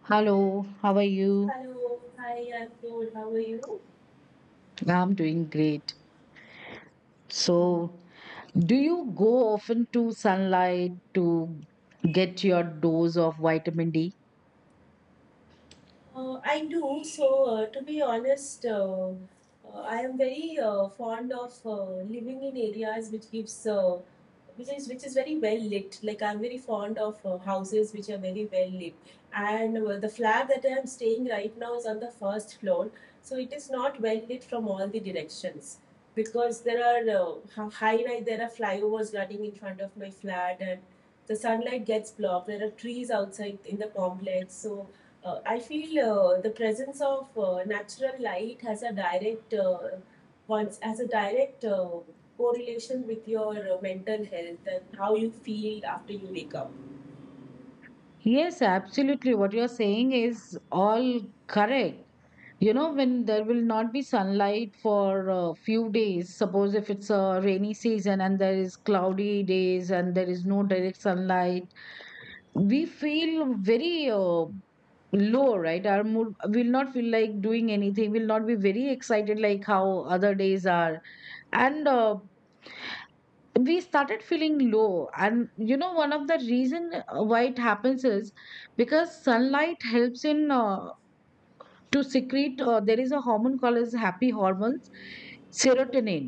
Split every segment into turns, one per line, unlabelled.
Hello, how are you?
Hello, hi, I'm good. How are you?
I'm doing great. So, do you go often to sunlight to get your dose of vitamin D?
I do. To be honest, I am very fond of living in areas which gives which is very well lit. Like, I'm very fond of houses which are very well lit, and the flat that I'm staying right now is on the first floor, so it is not well lit from all the directions, because there are high rise, there are flyovers running in front of my flat, and the sunlight gets blocked. There are trees outside in the complex. So I feel the presence of natural light has a direct once has a direct correlation with your mental health and how you feel after you wake up.
Yes, absolutely. What you're saying is all correct. You know, when there will not be sunlight for a few days, suppose if it's a rainy season and there is cloudy days and there is no direct sunlight, we feel very low, right? Our mood will not feel like doing anything, will not be very excited like how other days are. And we started feeling low. And you know, one of the reason why it happens is because sunlight helps in to secrete, there is a hormone called as happy hormones, serotonin.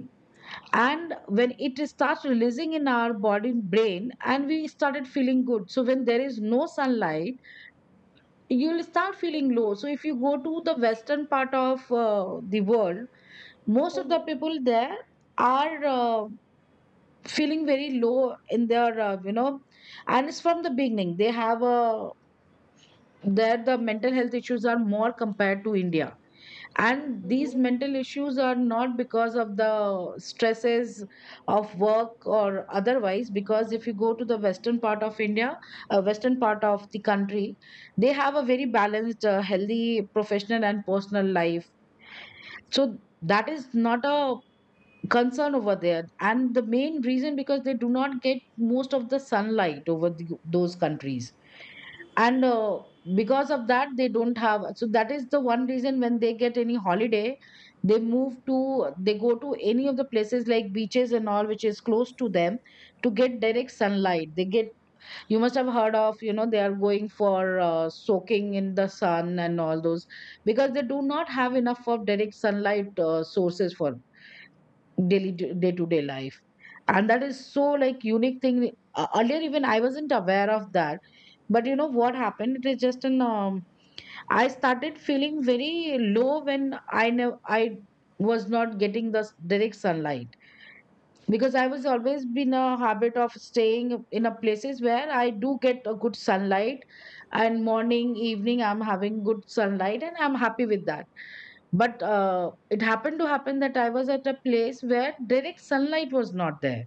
And when it starts releasing in our body, brain, and we started feeling good, so when there is no sunlight, you'll start feeling low. So if you go to the western part of the world, most of the
Mhm,
people there are feeling very low in their, and it's from the beginning. They have a there the mental health issues are more compared to India. And
mhm,
these
mhm.
mental issues are not because of the stresses of work or otherwise, because if you go to the western part of India, western part of the country, they have a very balanced, healthy professional and personal life. So that is not a concern over there. And the main reason because they do not get most of the sunlight over the, those countries. And because of that they don't have, so that is the one reason when they get any holiday, they move to, they go to any of the places like beaches and all which is close to them to get direct sunlight. They get, you must have heard of, you know, they are going for soaking in the sun and all those, because they do not have enough of direct sunlight sources for daily day to day life. And that is so like unique thing. Earlier even I wasn't aware of that, but you know what happened, it is just an I started feeling very low when I know I was not getting the direct sunlight, because I was always been a habit of staying in a places where I do get a good sunlight, and morning evening I'm having good sunlight and I'm happy with that. But it happened to happen that I was at a place where direct sunlight was not there,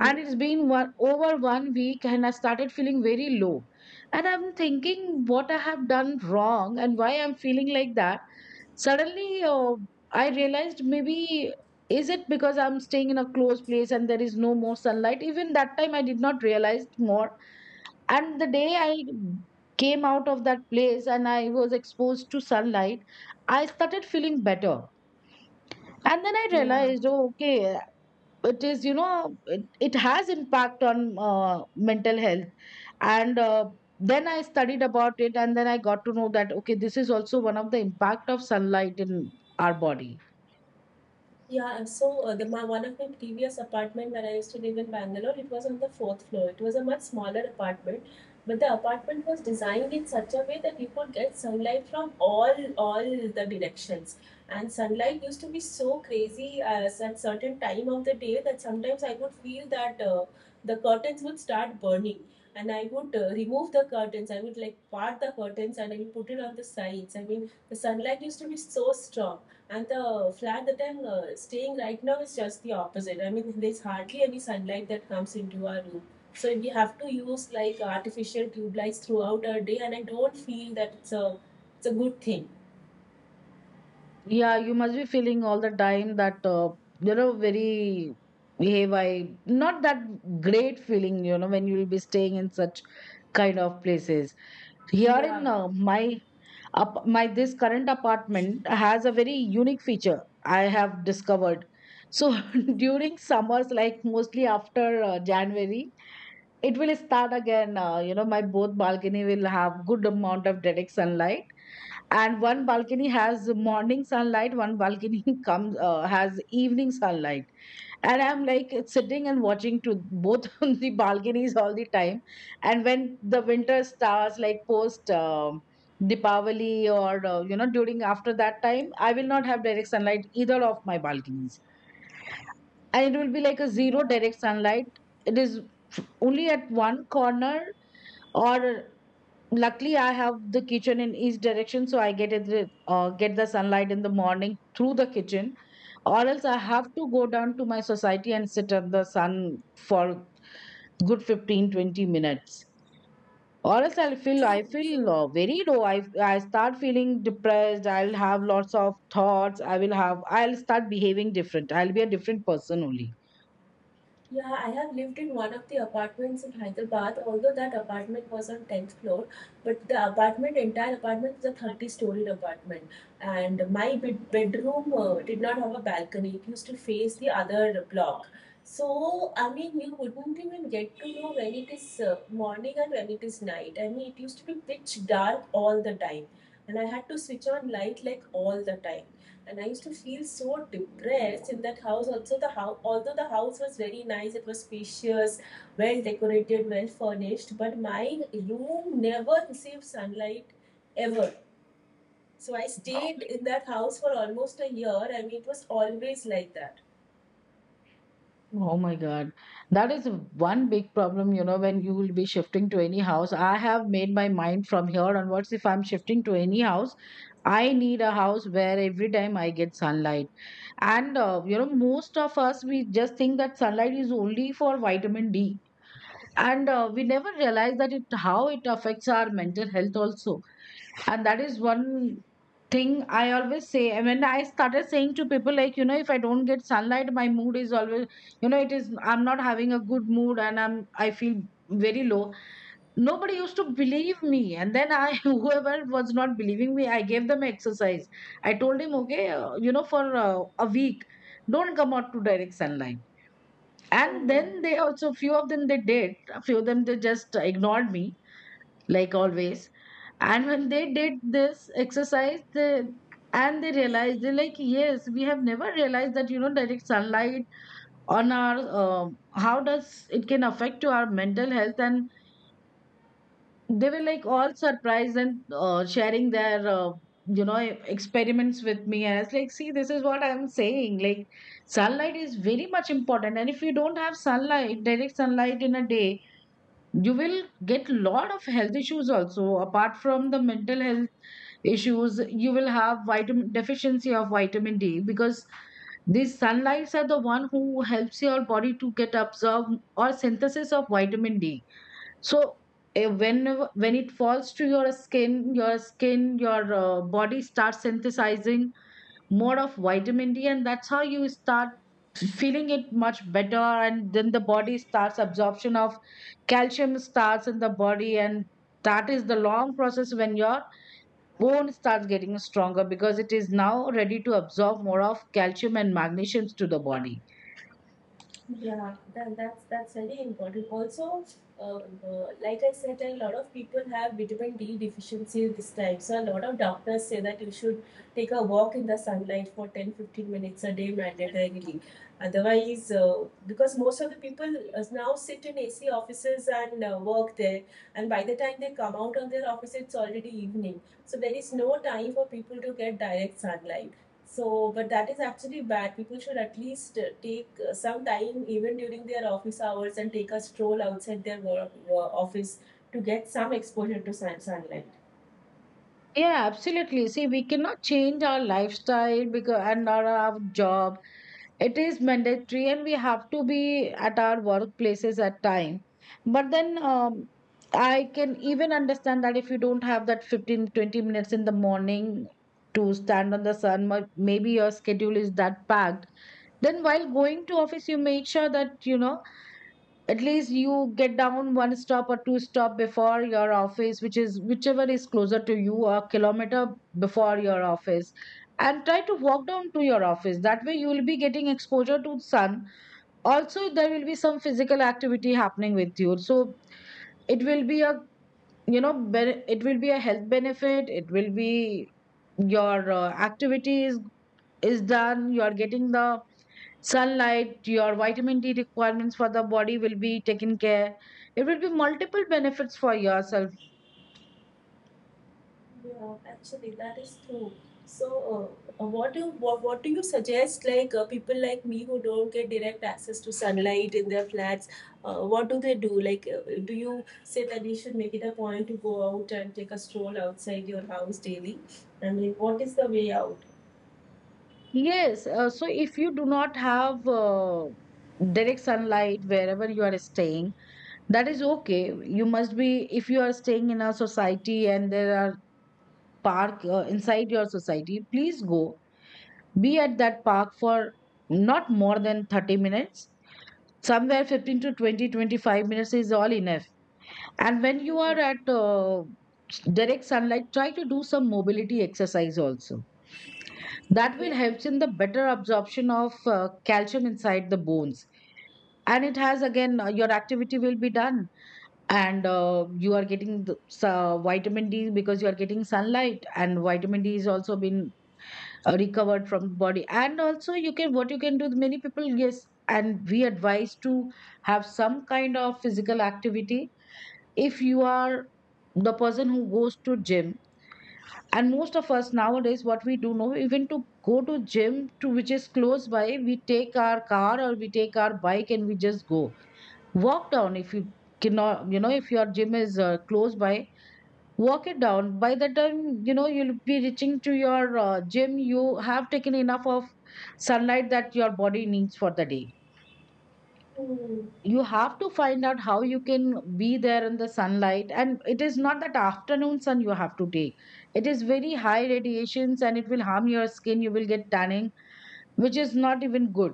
and it's been one over 1 week and I started feeling very low, and I'm thinking what I have done wrong and why I'm feeling like that. Suddenly, I realized, maybe, is it because I'm staying in a closed place and there is no more sunlight? Even that time I did not realize more. And the day I came out of that place and I was exposed to sunlight, I started feeling better. And then I
Yeah.
realized, oh, okay, it is, you know, it has impact on mental health. And then I studied about it and then I got to know that okay, this is also one of the impact of sunlight in our body.
Yeah, so one of my previous apartment where I used to live in Bangalore, it was on the fourth floor. It was a much smaller apartment, but the apartment was designed in such a way that you could get sunlight from all the directions. And sunlight used to be so crazy as at certain time of the day that sometimes I would feel that the curtains would start burning. And I would remove the curtains. I would, like, part the curtains and I would put it on the sides. I mean, the sunlight used to be so strong, and the flat that I'm staying right now is just the opposite. I mean, there's hardly any sunlight that comes into our room. So we have to use like artificial tube lights throughout our day, and I don't feel that it's a good thing.
Yeah, you must be feeling all the time that, you know, very behave, I not that great feeling, you know, when you will be staying in such kind of places. Here in
Yeah,
my, up, my this current apartment has a very unique feature I have discovered. So during summers, like mostly after January, it will start again. You know, my both balcony will have good amount of direct sunlight, and one balcony has morning sunlight, one balcony comes, has evening sunlight, and I'm like sitting and watching to both on the balconies all the time. And when the winter starts, like post Deepavali or, you know, during after that time I will not have direct sunlight either of my balconies, and it will be like a zero
yeah,
direct sunlight, it is only at one corner, or luckily I have the kitchen in east direction so I get it, get the sunlight in the morning through the kitchen. Or else I have to go down to my society and sit at the sun for good 15-20 minutes, or else I'll feel, I
true,
feel
true.
very low. I start feeling depressed, I'll have lots of thoughts, I will have, I'll start behaving different, I'll be a different person only.
Yeah, I have lived in one of the apartments in Hyderabad. Although that apartment was on 10th floor, but the apartment, entire apartment is a 30-storied apartment. And my bedroom did not have a balcony. It used to face the other block. So, I mean, you wouldn't even get to know when it is morning and when it is night. I mean, it used to be pitch dark all the time. And I had to switch on light like all the time, and I used to feel so depressed in that house. Also, the house, although the house was very nice, it was spacious, well decorated, well furnished, but my room never received sunlight ever. So I stayed in that house for almost a year. I mean, it was always like that.
Oh my God. That is one big problem, you know, when you will be shifting to any house. I have made my mind from here onwards. If I'm shifting to any house, I need a house where every time I get sunlight. And, you know, most of us, we just think that sunlight is only for vitamin D. And we never realize that it, how it affects our mental health also. And that is one thing I always say, and when I started saying to people, like, you know, if I don't get sunlight, my mood is always, you know, it is, I'm not having a good mood and I'm, I feel very low. Nobody used to believe me. And then I, whoever was not believing me, I gave them exercise. I told him, okay, you know, for a week, don't come out to direct sunlight. And
Hmm.
then they also, few of them they did, a few of them they just ignored me, like always. And when they did this exercise, they, and they realized, they're like, yes, we have never realized that, you know, direct sunlight on our, how does it can affect to our mental health. And they were like all surprised and sharing their you know experiments with me. And I was like, see, this is what I'm saying, like sunlight is very much important. And if you don't have sunlight, direct sunlight in a day, you will get lot of health issues also apart from the mental health issues. You will have vitamin deficiency of vitamin D, because these sunlights are the one who helps your body to get absorb or synthesis of vitamin D. So whenever when it falls to your skin, your skin, your body starts synthesizing more of vitamin D, and that's how you start feeling it much better. And then the body starts absorption of calcium starts in the body, and that is the long process when your bone starts getting stronger, because it is now ready to absorb more of calcium and magnesium to the body.
Yeah, that's very important. Also, like I said, a lot of people have vitamin D deficiency this time. So a lot of doctors say that you should take a walk in the sunlight for 10-15 minutes a day mandatorily. Otherwise, because most of the people now sit in AC offices and work there, and by the time they come out of their office, it's already evening. So there is no time for people to get direct sunlight. So, but that is actually bad. People should at least take some time, even during their office hours, and take a stroll outside their work office to get some exposure to sunlight.
Yeah, absolutely, see we cannot change our lifestyle, because and our job it is mandatory and we have to be at our workplaces at time. But then, I can even understand that if you don't have that 15-20 minutes in the morning to stand on the sun, maybe your schedule is that packed. Then while going to office, you make sure that you know at least you get down one stop or two stop before your office which is whichever is closer to you, or a kilometer before your office, and try to walk down to your office. That way you will be getting exposure to the sun, also there will be some physical activity happening with you. So it will be a, you know, it will be a health benefit, it will be your activity is done, you are getting the sunlight, your vitamin D requirements for the body will be taken care. It will be multiple benefits for yourself.
Yeah, actually, that is true. So, what do you suggest? Like, people like me who don't get direct access to sunlight in their flats, what do they do? Like, do you say that they should make it a point to go out and take a stroll outside your house daily? I mean, what is the way out?
Yes, so if you do not have direct sunlight wherever you are staying, that is okay. You must be, if you are staying in a society and there are park inside your society, please go, be at that park for not more than 30 minutes. Somewhere 15 to 20, 25 minutes is all enough. And when you are at direct sunlight, try to do some mobility exercise also. That will
Mhm.
help in the better absorption of calcium inside the bones. And it has again, your activity will be done. And you are getting the, so vitamin D, because you are getting sunlight, and vitamin D is also been recovered from the body. And also, you can what you can do. Many people, yes, and we advise to have some kind of physical activity if you are the person who goes to gym. And most of us nowadays, what we do, know even to go to gym to which is close by, we take our car or we take our bike and we just go. Walk down if you cannot, you know, if your gym is close by, walk it down. By the time, you know, you'll be reaching to your gym, you have taken enough of sunlight that your body needs for the day.
Mm,
You have to find out how you can be there in the sunlight, and it is not that afternoon sun you have to take. It is very high radiations and it will harm your skin, you will get tanning, which is not even good.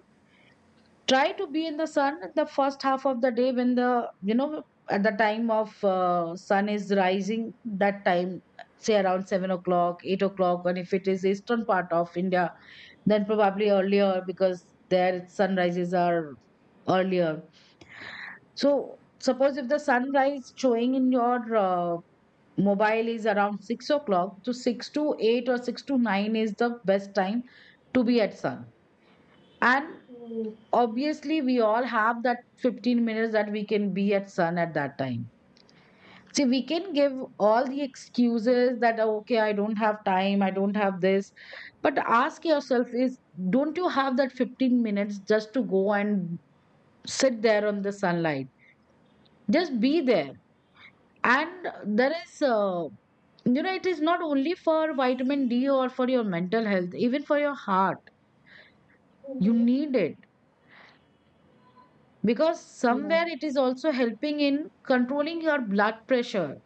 Try to be in the sun at the first half of the day, when the, you know, at the time of sun is rising, that time, say around 7 o'clock, 8 o'clock. And if it is eastern part of india, then probably earlier, because their sunrises are earlier. So suppose if the sunrise showing in your mobile is around 6 o'clock, so six to eight or six to nine is the best time to be at sun. And
mm,
obviously, we all have that 15 minutes that we can be at sun at that time. See, we can give all the excuses that, "Oh, okay, I don't have time, I don't have this." But ask yourself is, don't you have that 15 minutes just to go and sit there on the sunlight? Just be there. And there is you know, it is not only for vitamin d or for your mental health, even for your heart you
mm.
need it, because
Yeah. Mm,
somewhere it is also helping in controlling your blood pressure,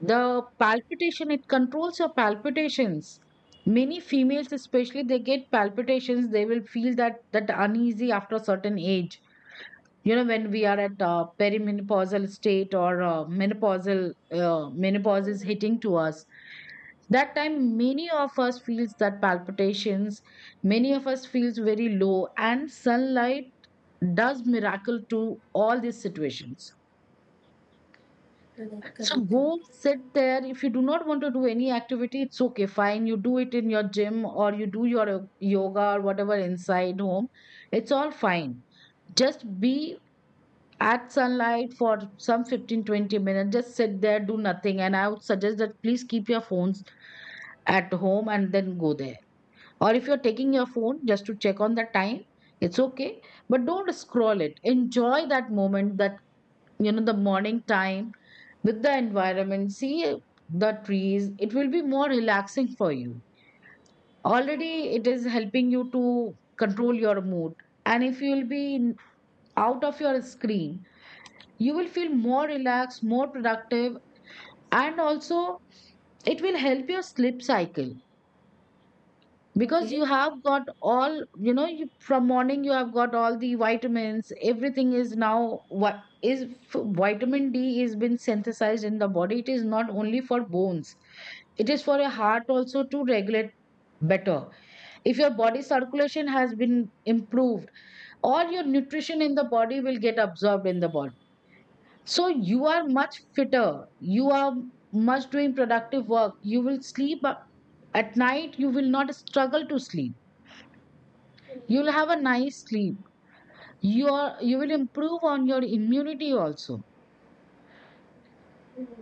the palpitation, it controls your palpitations. Many females especially, they get palpitations, they will feel that that uneasy after a certain age, you know, when we are at perimenopausal state or menopausal, menopause
mm.
is
Okay.
hitting to us. That time, many of us feels that palpitations, many of us feels very low, and sunlight does miracle to all these situations.
Correct,
So
correct,
go
correct.
sit there. If you do not want to do any activity, it's okay, fine, you do it in your gym or you do your yoga or whatever inside home, it's all fine. Just be at sunlight for some 15 20 minutes, just sit there, do nothing. And I would suggest that please keep your phones at home and then go there, or if you're taking your phone just to check on the time, it's okay, but don't scroll it. Enjoy that moment, that, you know, the morning time, with the environment, see the trees, it will be more relaxing for you. Already it is helping you to control your mood. And if you'll be out of your screen, you will feel more relaxed, more productive. And also it will help your sleep cycle, because
Okay,
you have got all, you know, from morning you have got all the vitamins, everything is now, what is, vitamin d is been synthesized in the body. It is not only for bones, it is for your heart also, to regulate better. If your body circulation has been improved, all your nutrition in the body will get absorbed in the body, so you are much fitter, you are much doing productive work, you will sleep at night, you will not struggle to sleep. You'll have a nice sleep. You will improve on your immunity also.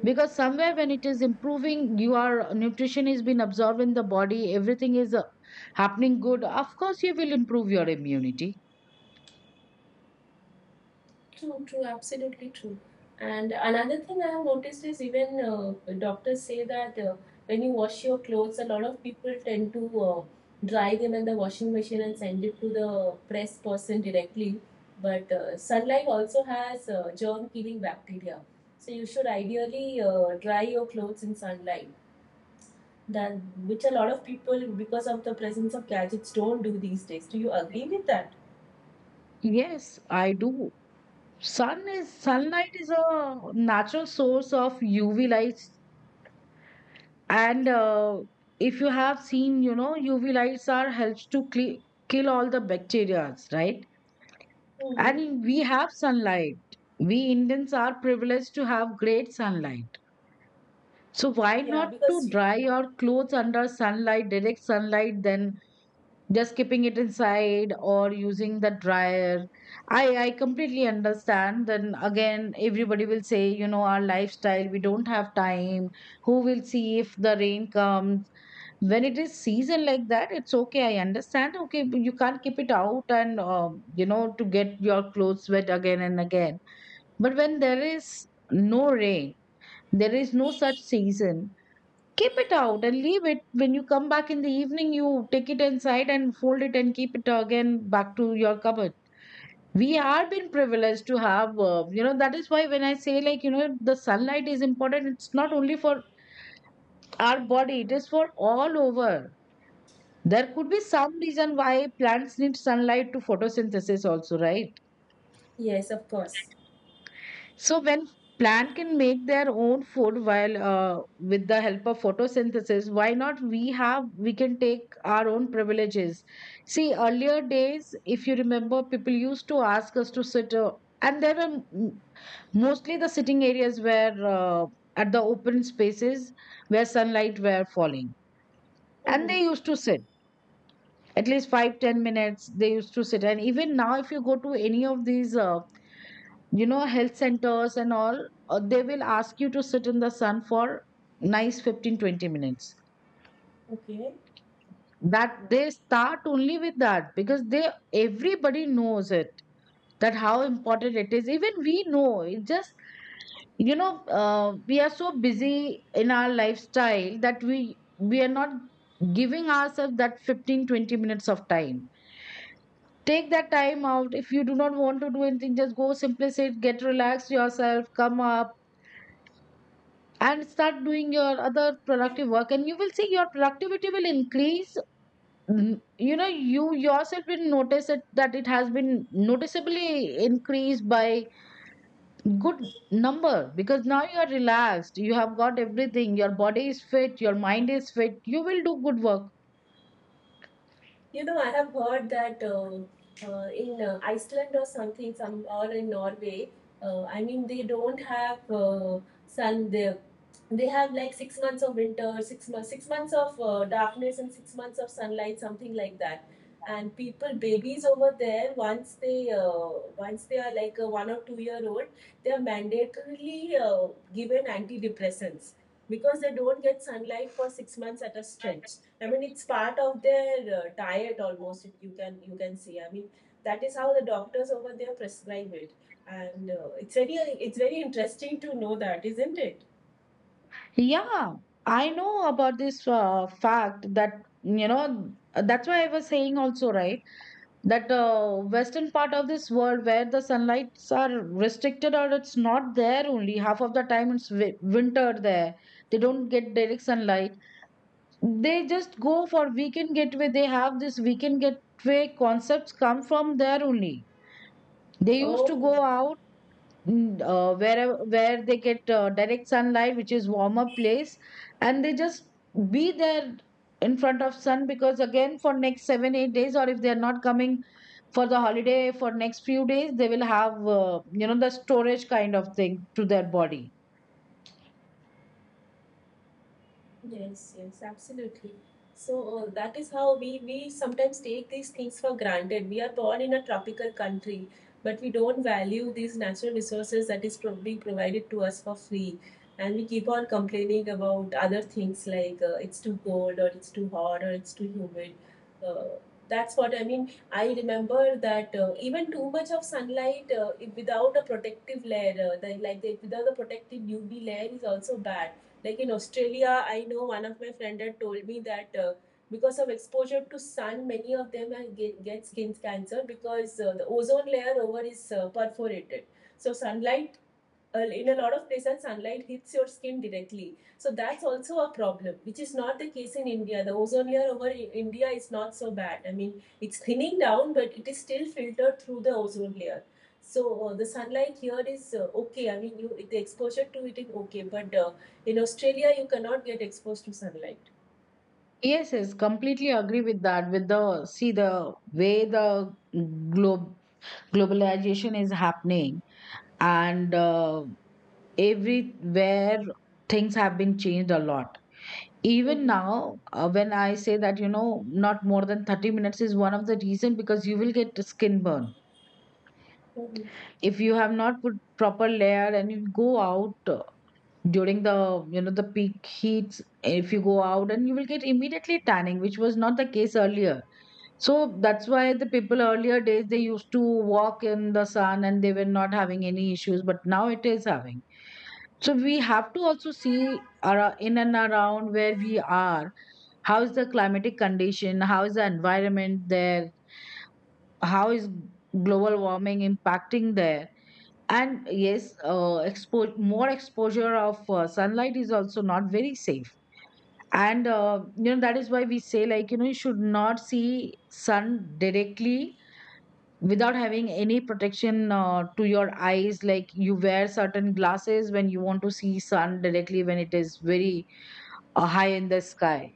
Because somewhere when it is improving, your nutrition is being absorbed in the body, everything is happening good. Of course, you will improve your immunity.
true, true, absolutely true. And another thing I have noticed is even doctors say that when you wash your clothes, a lot of people tend to dry them in the washing machine and send it to the press person directly. But sunlight also has germ killing bacteria. So you should ideally dry your clothes in sunlight. That, which a lot of people, because of the presence of gadgets, don't do these days. Do you agree with that?
Yes, I do. Sun is, sunlight is a natural source of UV lights, and if you have seen, you know, UV lights are helps to kill all the bacteria, right? I
Mm-hmm.
mean, we have sunlight. We Indians are privileged to have great sunlight. So why
Yeah,
not to
because
dry your clothes under sunlight, direct sunlight, than just keeping it inside or using the dryer? I completely understand. Then again, everybody will say, you know, our lifestyle, we don't have time. Who will see if the rain comes? When it is season like that, it's okay. I understand. Okay, you can't keep it out and, you know, to get your clothes wet again and again. But when there is no rain, there is no such season, keep it out and leave it. When you come back in the evening, you take it inside and fold it and keep it again back to your cupboard. We are been privileged to have, you know, that is why when I say like, you know, the sunlight is important, it's not only for our body, it is for all over. There could be some reason why plants need sunlight to photosynthesis also, right?
yes, of course.
So when plant can make their own food while with the help of photosynthesis, why not we have, we can take our own privileges. See, earlier days, if you remember, people used to ask us to sit, and there were mostly the sitting areas were at the open spaces where sunlight were falling, and
Mm-hmm.
they used to sit at least 5 10 minutes. They used to sit, and even now, if you go to any of these. You know, health centers and all, they will ask you to sit in the sun for nice 15, 20 minutes.
Okay.
That they start only with that, because they, everybody knows it, that how important it is, even we know it. Just, you know, we are so busy in our lifestyle that we are not giving ourselves that 15, 20 minutes of time. Take that time out. If you do not want to do anything, just go, simply sit, get relaxed yourself, come up and start doing your other productive work, and you will see your productivity will increase. Mm, you know, you yourself will notice it, that it has been noticeably increased by good number, because now you are relaxed, you have got everything, your body is fit, your mind is fit, you will do good work.
You know, I have heard that in Iceland or something, some, or in Norway, I mean, they don't have sun there. They have like 6 months of winter, 6 months, 6 months of darkness, and 6 months of sunlight, something like that. And people, babies over there, once they are like a 1 or 2 year old, they are mandatorily given antidepressants because they don't get sunlight for 6 months at a stretch. I mean, it's part of their diet almost. You can, you can see. I mean, that is how the doctors over there prescribe it, and it's very interesting to know that, isn't it?
Yeah, I know about this fact that, you know, that's why I was saying also, right, that western part of this world, where the sunlights are restricted or it's not there, only half of the time it's winter there, they don't get direct sunlight. They just go for weekend getaway, they have this weekend getaway concepts come from there only. They used to go
Oh,
out, mm, wherever where they get direct sunlight, which is warmer place, and they just be there in front of sun, because again for next 7 8 days, or if they are not coming for the holiday for next few days, they will have you know, the storage kind of thing to their body.
yes, yes, absolutely. So that is how we sometimes take these things for granted. We are born in a tropical country, but we don't value these natural resources that is pro being provided to us for free. And we keep on complaining about other things like it's too cold or it's too hot or it's too humid. Uh, that's what I mean. I remember that even too much of sunlight, if without a protective layer, without the protective UV layer is also bad, like in Australia. I know one of my friend had told me that because of exposure to sun, many of them get skin cancer because the ozone layer over is perforated. So sunlight, in a lot of places, sunlight hits your skin directly, so that's also a problem, which is not the case in India. The ozone layer over India is not so bad. I mean, it's thinning down, but it is still filtered through the ozone layer. So the sunlight here is okay. I mean, you, the exposure to it is okay, but in Australia, you cannot get exposed to sunlight.
Yes, yes, completely agree with that. With the, see the way the globe globalization is happening, and everywhere things have been changed a lot. Even
Mhm.
now when I say that, you know, not more than 30 minutes is one of the reason, because you will get skin burn
Mhm.
if you have not put proper layer and you go out during the, you know, the peak heats, if you go out, and you will get immediately tanning, which was not the case earlier. So that's why the people earlier days, they used to walk in the sun and they were not having any issues, but now it is having. So we have to also see, in and around where we are, how is the climatic condition, how is the environment there, how is global warming impacting there. And yes, more exposure of sunlight is also not very safe. And you know, that is why we say, like, you know, you should not see sun directly without having any protection to your eyes. Like you wear certain glasses when you want to see sun directly, when it is very high in the sky,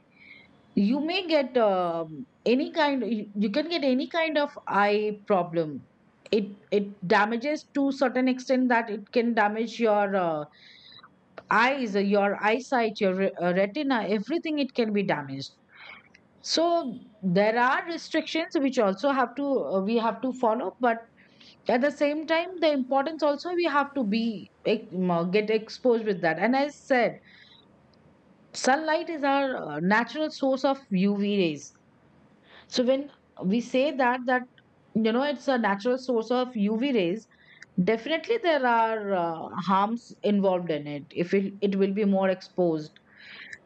you may get any kind, you can get any kind of eye problem. It It damages to certain extent, that it can damage your eyes, your eyesight, your retina, everything it can be damaged. So there are restrictions which also have to we have to follow, but at the same time the importance also we have to be get exposed with that. And as said, sunlight is our natural source of uv rays. So when we say that that you know it's a natural source of UV rays, definitely there are harms involved in it. If it, it will be more exposed,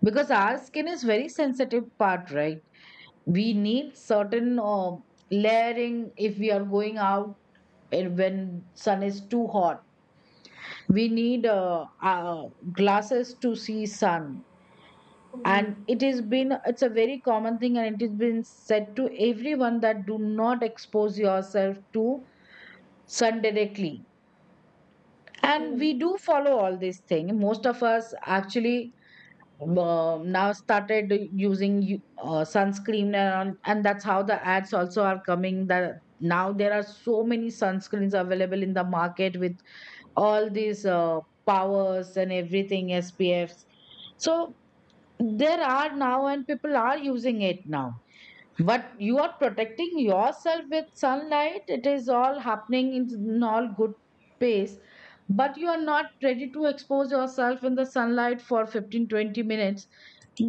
because our skin is very sensitive part, right? We need certain layering if we are going out, and when sun is too hot. We need glasses to see sun.
Mhm.
And it has been it's a very common thing, and it has been said to everyone that do not expose yourself to sun directly, and
Mhm.
we do follow all these things, most of us. Actually, now started using sunscreen, and that's how the ads also are coming, that now there are so many sunscreens available in the market with all these powers and everything, spfs. So there are now and people are using it now, but you are protecting yourself with sunlight. It is all happening in all good pace, but you are not ready to expose yourself in the sunlight for 15, 20 minutes.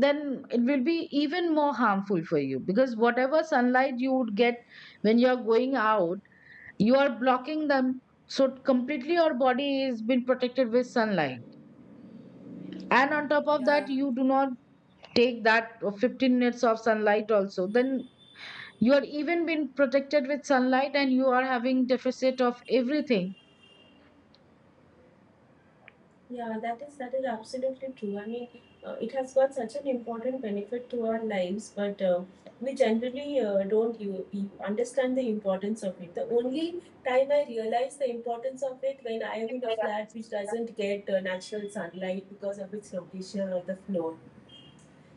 Then it will be even more harmful for you, because whatever sunlight you would get when you are going out, you are blocking them. So completely your body is been protected with sunlight, and on top of that
Yeah.
you do not take that 15 minutes of sunlight also. Then you are even being protected with sunlight and you are having deficit of everything.
Yeah, that is, that is absolutely true. I mean, it has got such an important benefit to our lives, but we generally don't, you understand the importance of it. The only time I realized the importance of it when I am in a flat which doesn't get natural sunlight because of its location or the floor.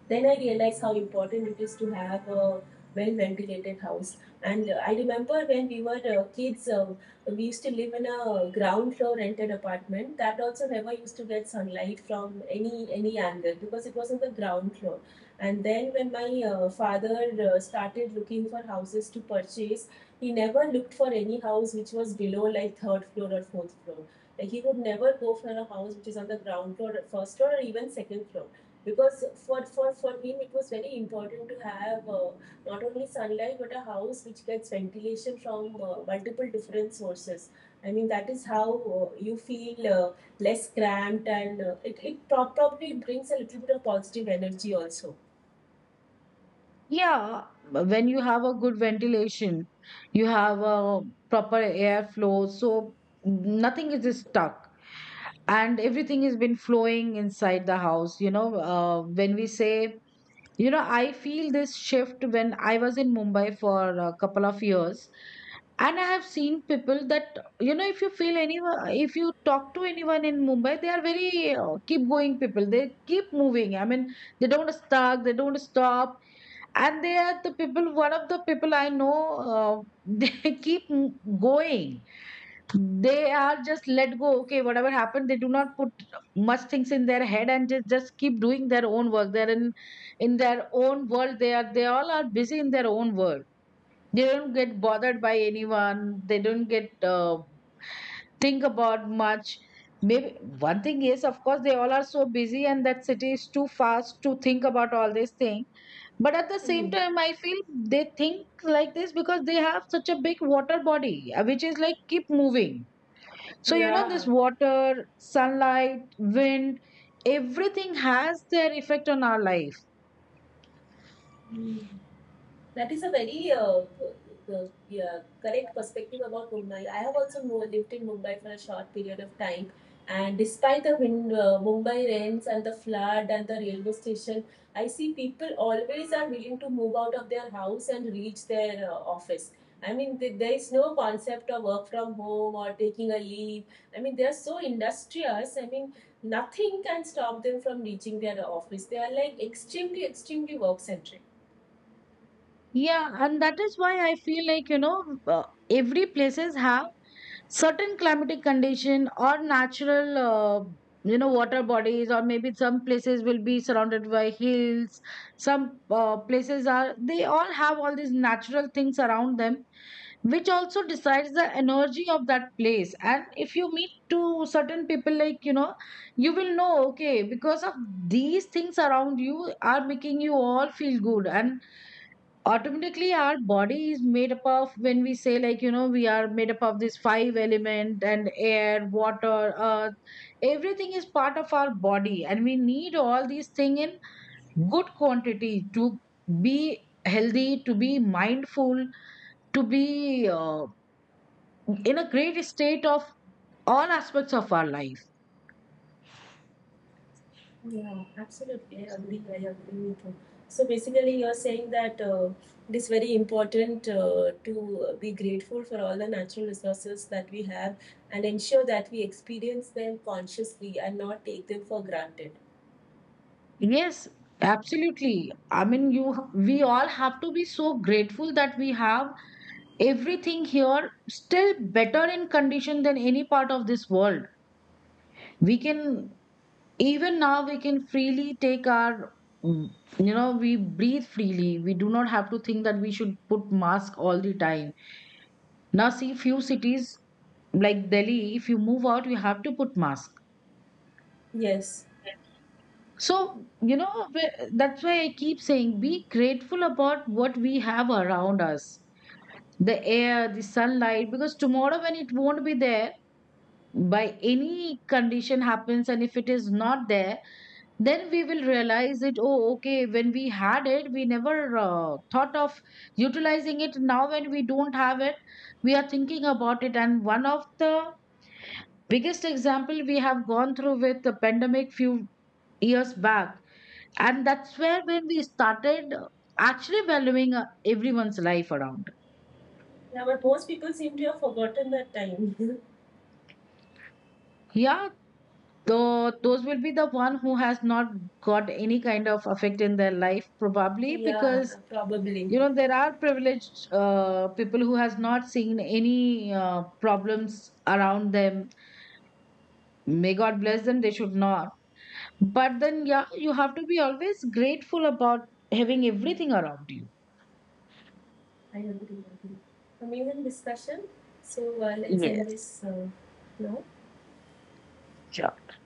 Then I realized how important it is to have a well ventilated house. And I remember when we were kids, we used to live in a ground floor rented apartment that also never used to get sunlight from any angle because it was on the ground floor. And then when my father started looking for houses to purchase, he never looked for any house which was below like third floor or fourth floor. Like he would never go for a house which is on the ground floor, first floor, or even second floor, because for, him it was very important to have not only sunlight but a house which gets ventilation from multiple different sources. I mean, that is how you feel less cramped, and probably brings a little bit of positive energy also.
Yeah, but when you have a good ventilation, you have a proper airflow, so nothing is stuck and everything has been flowing inside the house. You know, when we say, you know, I feel this shift when I was in Mumbai for a couple of years, and I have seen people that, you know, if you feel anyone, if you talk to anyone in Mumbai, they are very, keep going people. They keep moving, I mean, they don't stuck, they don't stop. And they are the people, one of the people I know, uh, they keep going. They are just let go, okay, whatever happened, they do not put much things in their head and just keep doing their own work. They're in their own world, they are, they all are busy in their own world. They don't get bothered by anyone. They don't get think about much. Maybe one thing is, of course, they all are so busy, and that city is too fast to think about all this thing. But at the same
Mhm.
time, I feel they think like this because they have such a big water body, which is like keep moving. So you know, this
Yeah.
water, sunlight, wind, everything has their effect on our life.
Hmm. That is a very yeah, correct perspective about Mumbai. I have also lived in Mumbai for a short period of time, and despite the wind, Mumbai rains and the flood and the railway station, I see people always are willing to move out of their house and reach their office. I mean, there is no concept of work from home or taking a leave. I mean, they are so industrious. I mean, nothing can stop them from reaching their office. They are like extremely, extremely work centric.
Yeah, and that is why I feel like, you know, every places have certain climatic condition or natural, you know, water bodies, or maybe some places will be surrounded by hills, some places are, they all have all these natural things around them, which also decides the energy of that place. And if you meet to certain people, like, you know, you will know, okay, because of these things around, you are making you all feel good. And automatically our body is made up of, when we say, like, you know, we are made up of these five element, and air, water, earth, everything is part of our body, and we need all these thing in good quantity to be healthy, to be mindful, to be in a great state of all aspects of our life.
Yeah, absolutely. I agree. I agree with you. So basically, you're saying that it is very important to be grateful for all the natural resources that we have and ensure that we experience them consciously and not take them for granted.
Yes, absolutely. I mean, you, we all have to be so grateful that we have everything here, still better in condition than any part of this world. We can, even now we can freely take our, mm, you know, we breathe freely, we do not have to think that we should put mask all the time. Now see few cities like Delhi, if you move out, you have to put mask.
Yes.
So, you know, that's why I keep saying, be grateful about what we have around us, the air, the sunlight. Because tomorrow when it won't be there, by any condition happens, and if it is not there, then we will realize it. Oh, okay, when we had it, we never thought of utilizing it. Now when we don't have it, we are thinking about it. And one of the biggest example we have gone through with the pandemic few years back, and that's where when we started actually valuing everyone's life around.
Yeah, but most people seem to have forgotten that time.
Yeah. Though those will be the one who has not got any kind of effect in their life, probably
Yeah,
because,
probably.
you know, there are privileged people who has not seen any problems around them. May God bless them, they should not. But then, yeah, you have to be always grateful about having everything around you.
I agree. I agree. Amazing discussion. So let's end
Yes,
this now.
sure.